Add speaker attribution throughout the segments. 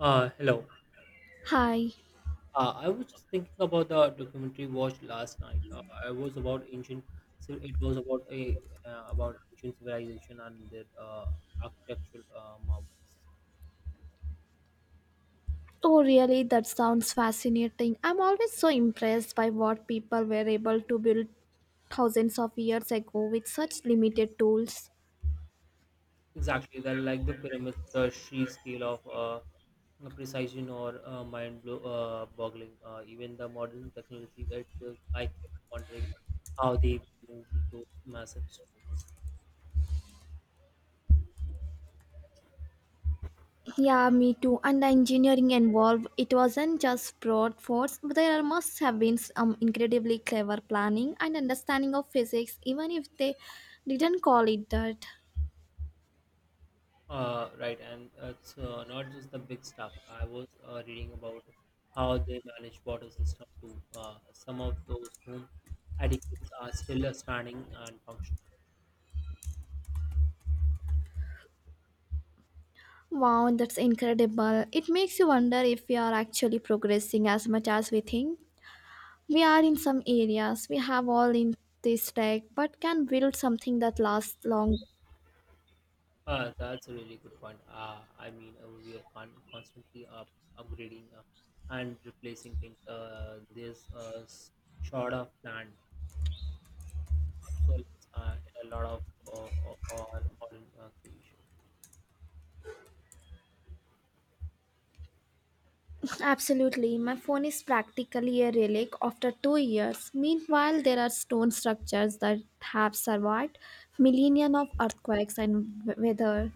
Speaker 1: Hello.
Speaker 2: Hi.
Speaker 1: I was just thinking about the documentary watched last night. I was about ancient. So it was about a about ancient civilization and their architectural marvels.
Speaker 2: Oh, really? That sounds fascinating. I'm always so impressed by what people were able to build thousands of years ago with such limited tools.
Speaker 1: Exactly, that like the pyramids, the sheer scale of the precision or boggling. Even the modern technology, I kept wondering how they moved those massive stones.
Speaker 2: Yeah, me too. And the engineering involved, it wasn't just broad force, but there must have been some incredibly clever planning and understanding of physics, even if they didn't call it that.
Speaker 1: Right, and it's not just the big stuff. I was reading about how they manage water system too. Some of those whom addicts are still standing and functional.
Speaker 2: Wow, that's incredible. It makes you wonder if we are actually progressing as much as we think. We are in some areas, we have all in this tech, but can build something that lasts long.
Speaker 1: That's a really good point. I mean, we are constantly upgrading and replacing things. There's short of planned obsolescence in a lot of our modern creation.
Speaker 2: Absolutely, my phone is practically a relic after 2 years. Meanwhile, there are stone structures that have survived millennia of earthquakes and weather.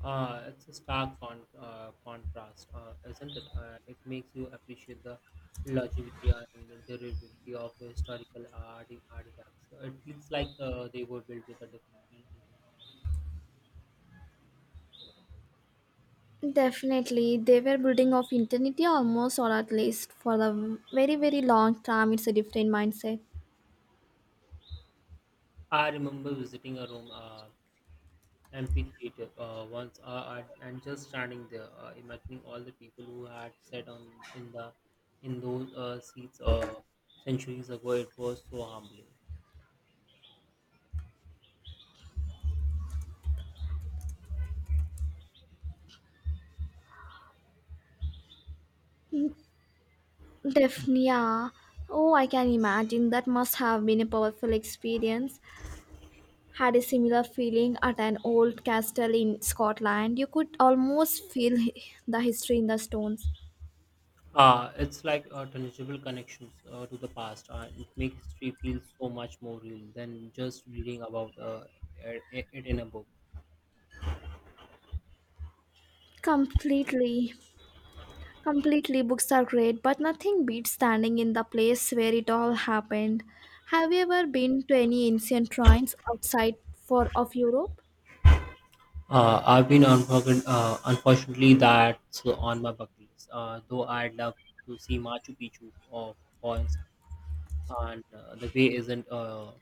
Speaker 1: It's a stark contrast, isn't it? It makes you appreciate the longevity and the durability of historical art artifacts. It feels like they were built with a different intention.
Speaker 2: Definitely, they were building of eternity almost, or at least for the very, very long time. It's a different mindset.
Speaker 1: I remember visiting a room, amphitheater, once, and just standing there, imagining all the people who had sat on in the in those seats centuries ago. It was so humbling.
Speaker 2: Yeah. Oh, I can imagine that must have been a powerful experience. Had a similar feeling at an old castle in Scotland. You could almost feel the history in the stones.
Speaker 1: It's like tangible connections to the past. It makes history feel so much more real than just reading about it in a book.
Speaker 2: Completely, completely, books are great, but nothing beats standing in the place where it all happened. Have you ever been to any ancient shrines outside for of Europe?
Speaker 1: I've been unfortunately that's on my bucket list. Though I'd love to see Machu Picchu or points, and the way isn't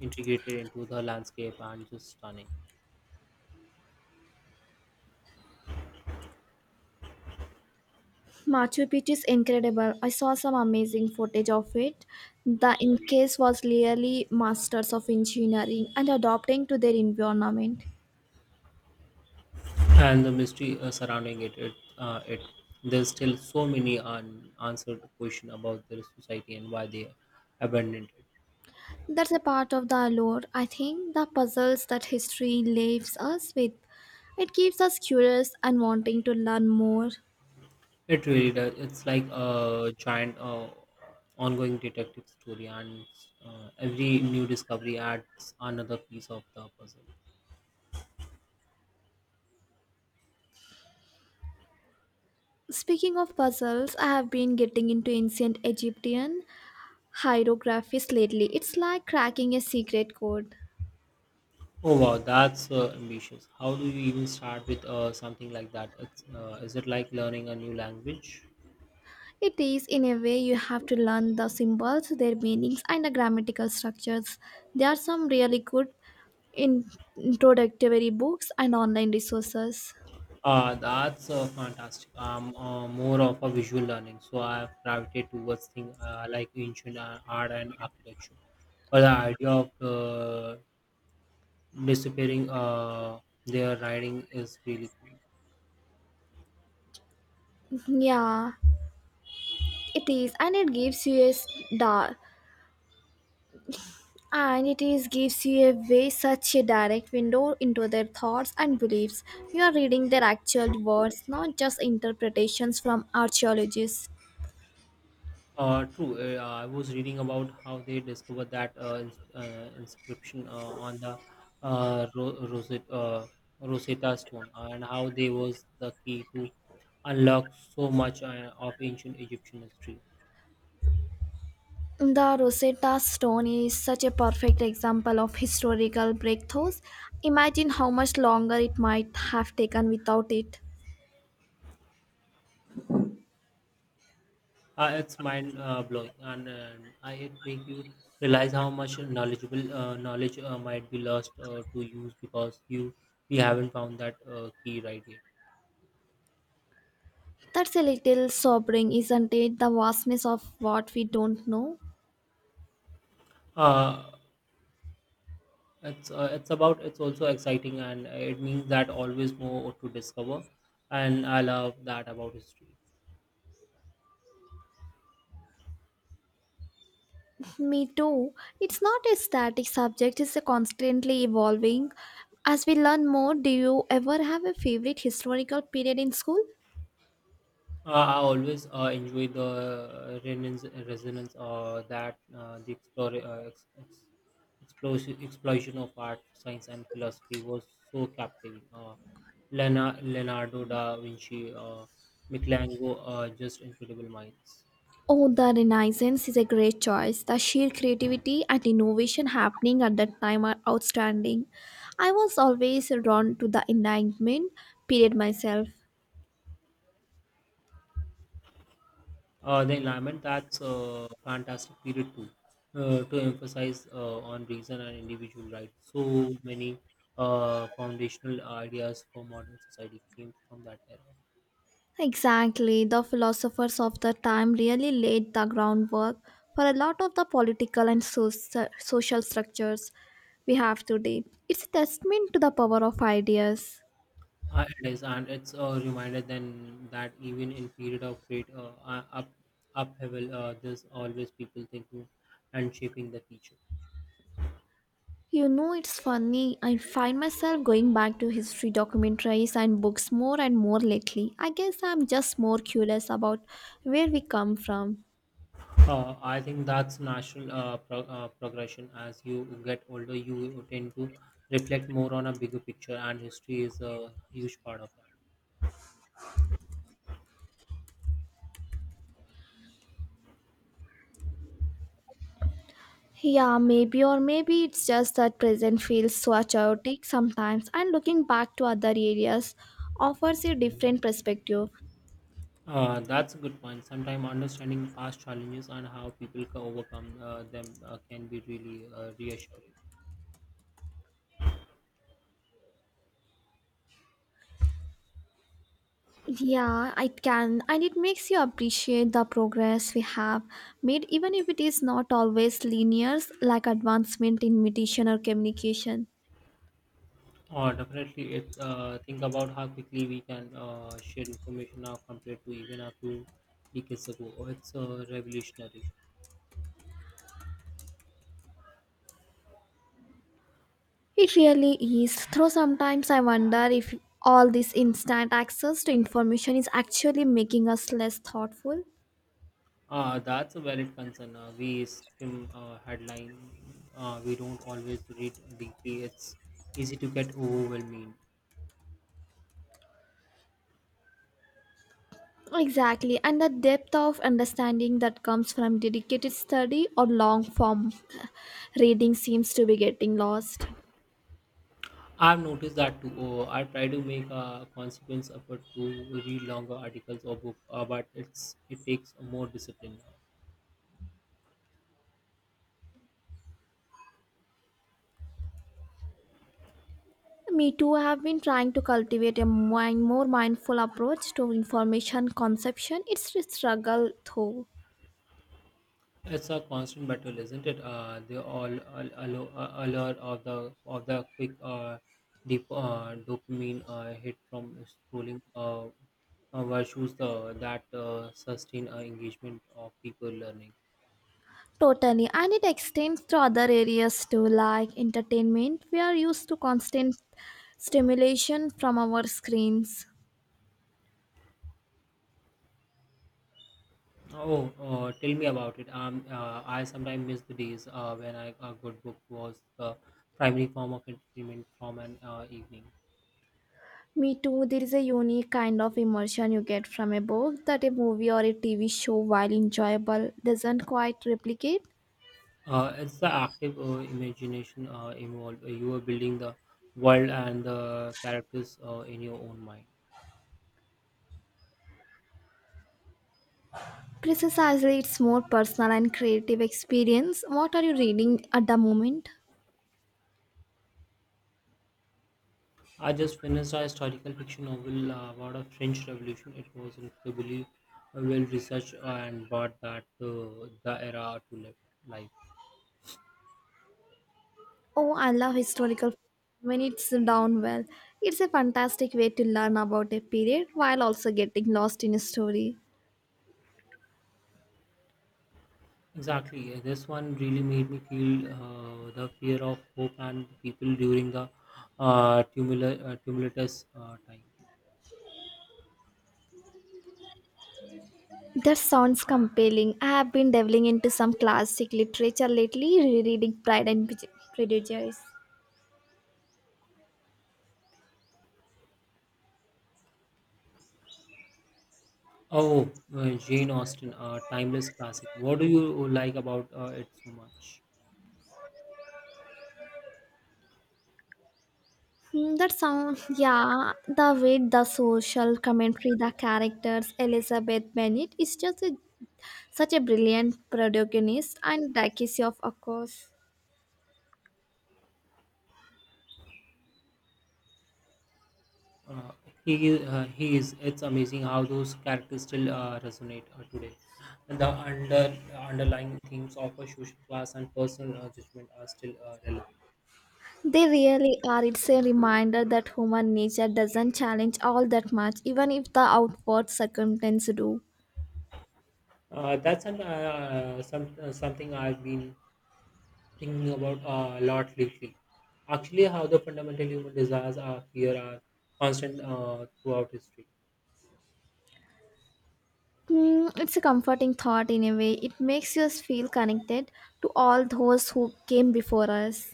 Speaker 1: integrated into the landscape and just stunning.
Speaker 2: Machu Picchu is incredible. I saw some amazing footage of it. The Incas was really masters of engineering and adapting to their environment.
Speaker 1: And the mystery surrounding it. It there's still so many unanswered questions about their society and why they abandoned it.
Speaker 2: That's a part of the allure, I think, the puzzles that history leaves us with. It keeps us curious and wanting to learn more.
Speaker 1: It really does. It's like a giant ongoing detective story, and every new discovery adds another piece of the puzzle.
Speaker 2: Speaking of puzzles, I have been getting into ancient Egyptian hieroglyphs lately. It's like cracking a secret code.
Speaker 1: Oh wow, that's ambitious. How do you even start with something like that? Is it like learning a new language?
Speaker 2: It is, in a way, you have to learn the symbols, their meanings, and the grammatical structures. There are some really good in- introductory books and online resources.
Speaker 1: That's fantastic. I'm more of a visual learning, so I've gravitated towards things like ancient art and architecture. But the idea of disappearing their writing is really cool.
Speaker 2: Yeah, it is, and it gives you da- and it is gives you a way such a direct window into their thoughts and beliefs. You are reading their actual words, not just interpretations from archaeologists.
Speaker 1: True. I was reading about how they discovered that inscription on the Rosetta, Rosetta Stone, and how they was the key to unlock so much of ancient Egyptian history.
Speaker 2: The Rosetta Stone is such a perfect example of historical breakthroughs. Imagine how much longer it might have taken without it.
Speaker 1: It's mind blowing, and it make you realize how much knowledge might be lost to use because you we haven't found that key right yet.
Speaker 2: That's a little sobering, isn't it? The vastness of what we don't know.
Speaker 1: Uh, it's about it's also exciting, and it means that always more to discover, and I love that about history.
Speaker 2: Me too. It's not a static subject, it's a constantly evolving. As we learn more, do you ever have a favorite historical period in school?
Speaker 1: I always enjoy the resonance that the explore, ex, ex, explosion, explosion of art, science, and philosophy was so captivating. Leonardo da Vinci, Michelangelo, just incredible minds.
Speaker 2: Oh, the Renaissance is a great choice. The sheer creativity and innovation happening at that time are outstanding. I was always drawn to the Enlightenment period myself.
Speaker 1: The environment that's a fantastic period too, to emphasize on reason and individual rights. So many foundational ideas for modern society came from that era.
Speaker 2: Exactly, the philosophers of the time really laid the groundwork for a lot of the political and social structures we have today. It's a testament to the power of ideas.
Speaker 1: It is, and it's a reminder then that even in period of great up upheaval, there's always people thinking and shaping the future.
Speaker 2: You know, it's funny, I find myself going back to history documentaries and books more and more lately. I guess I'm just more curious about where we come from.
Speaker 1: I think that's natural progression. As you get older, you tend to reflect more on a bigger picture, and history is a huge part of that.
Speaker 2: Yeah, maybe, or maybe it's just that present feels so chaotic sometimes, and looking back to other areas offers a different perspective.
Speaker 1: That's a good point. Sometimes understanding past challenges and how people can overcome them can be really reassuring.
Speaker 2: Yeah, it can, and it makes you appreciate the progress we have made, even if it is not always linear, like advancement in meditation or communication.
Speaker 1: Or definitely, it's think about how quickly we can share information now compared to even a few decades ago. It's revolutionary.
Speaker 2: It really is. Though sometimes I wonder if all this instant access to information is actually making us less thoughtful.
Speaker 1: That's a valid concern. We skim headline. We don't always read deeply. It's easy to get overwhelming.
Speaker 2: Exactly, and the depth of understanding that comes from dedicated study or long form reading seems to be getting lost.
Speaker 1: I've noticed that too. Oh, I try to make a consequence effort to read longer articles or book, but it takes more discipline now.
Speaker 2: Me too, I have been trying to cultivate a mind, more mindful approach to information conception. It's a struggle though.
Speaker 1: It's a constant battle, isn't it? The allure of the quick deep dopamine hit from scrolling versus the that sustain engagement of people learning.
Speaker 2: Totally, and it extends to other areas too, like entertainment. We are used to constant stimulation from our screens.
Speaker 1: Oh, tell me about it. I sometimes miss the days a good book was the primary form of entertainment from an evening.
Speaker 2: Me too, there is a unique kind of immersion you get from a book that a movie or a TV show, while enjoyable, doesn't quite replicate.
Speaker 1: It's the active imagination involved. You are building the world and the characters in your own mind.
Speaker 2: Precisely, it's more personal and creative experience. What are you reading at the moment?
Speaker 1: I just finished a historical fiction novel about a French Revolution. It was incredibly well researched and brought that the era to live life.
Speaker 2: Oh, I love historical when it's done well. It's a fantastic way to learn about a period while also getting lost in a story.
Speaker 1: Exactly, this one really made me feel the fear of hope and people during the tumultuous time.
Speaker 2: That sounds compelling. I have been delving into some classic literature lately, rereading Pride and Prejudice.
Speaker 1: Oh, Jane Austen, a timeless classic. What do you like about it so much?
Speaker 2: Mm, that sound, yeah. The way the social commentary, the characters, Elizabeth Bennet is just a, such a brilliant protagonist, and Dakisov, of course.
Speaker 1: Uh, he is. It's amazing how those characters still resonate today. And the underlying themes of a social class and personal judgment are still relevant.
Speaker 2: They really are. It's a reminder that human nature doesn't challenge all that much, even if the outward circumstances do.
Speaker 1: That's an, some Something I've been thinking about a lot lately. Actually, how the fundamental human desires are constant throughout history.
Speaker 2: Mm, it's a comforting thought in a way. It makes us feel connected to all those who came before us.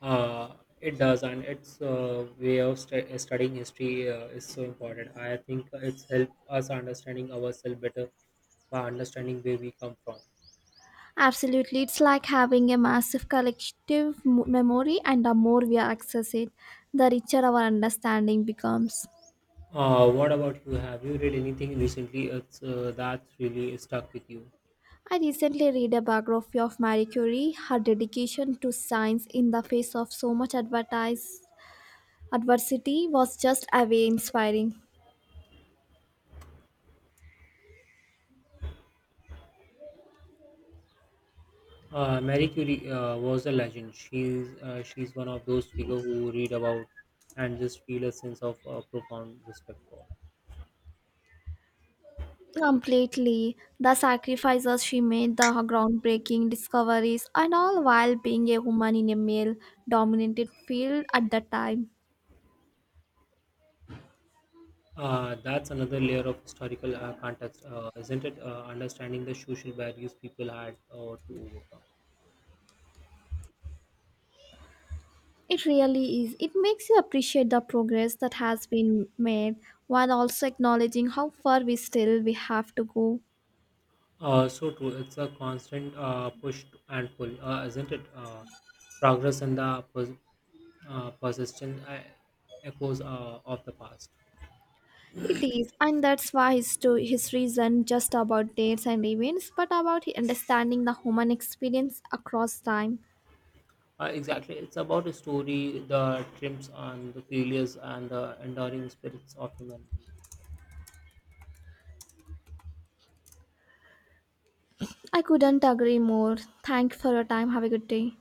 Speaker 1: Uh, it does, and its way of studying history is so important. I think it's helped us understanding ourselves better by understanding where we come from.
Speaker 2: Absolutely, it's like having a massive collective memory, and the more we access it, the richer our understanding becomes.
Speaker 1: What about you? Have you read anything recently that's really stuck with you?
Speaker 2: I recently read a biography of Marie Curie. Her dedication to science in the face of so much adversity was just away inspiring.
Speaker 1: Marie Curie was a legend. She's one of those figures who read about and just feel a sense of profound respect for.
Speaker 2: Completely, the sacrifices she made, the groundbreaking discoveries, and all while being a woman in a male dominated field at the time.
Speaker 1: That's another layer of historical context, isn't it? Understanding the social barriers people had to overcome.
Speaker 2: It really is. It makes you appreciate the progress that has been made while also acknowledging how far we still we have to go.
Speaker 1: So true. It's a constant push and pull, isn't it? Progress and the persistent echoes of the past.
Speaker 2: It is, and that's why history isn't just about dates and events, but about understanding the human experience across time.
Speaker 1: Exactly. It's about a story, the triumphs and the failures, and the enduring spirits of humanity.
Speaker 2: I couldn't agree more. Thank you for your time. Have a good day.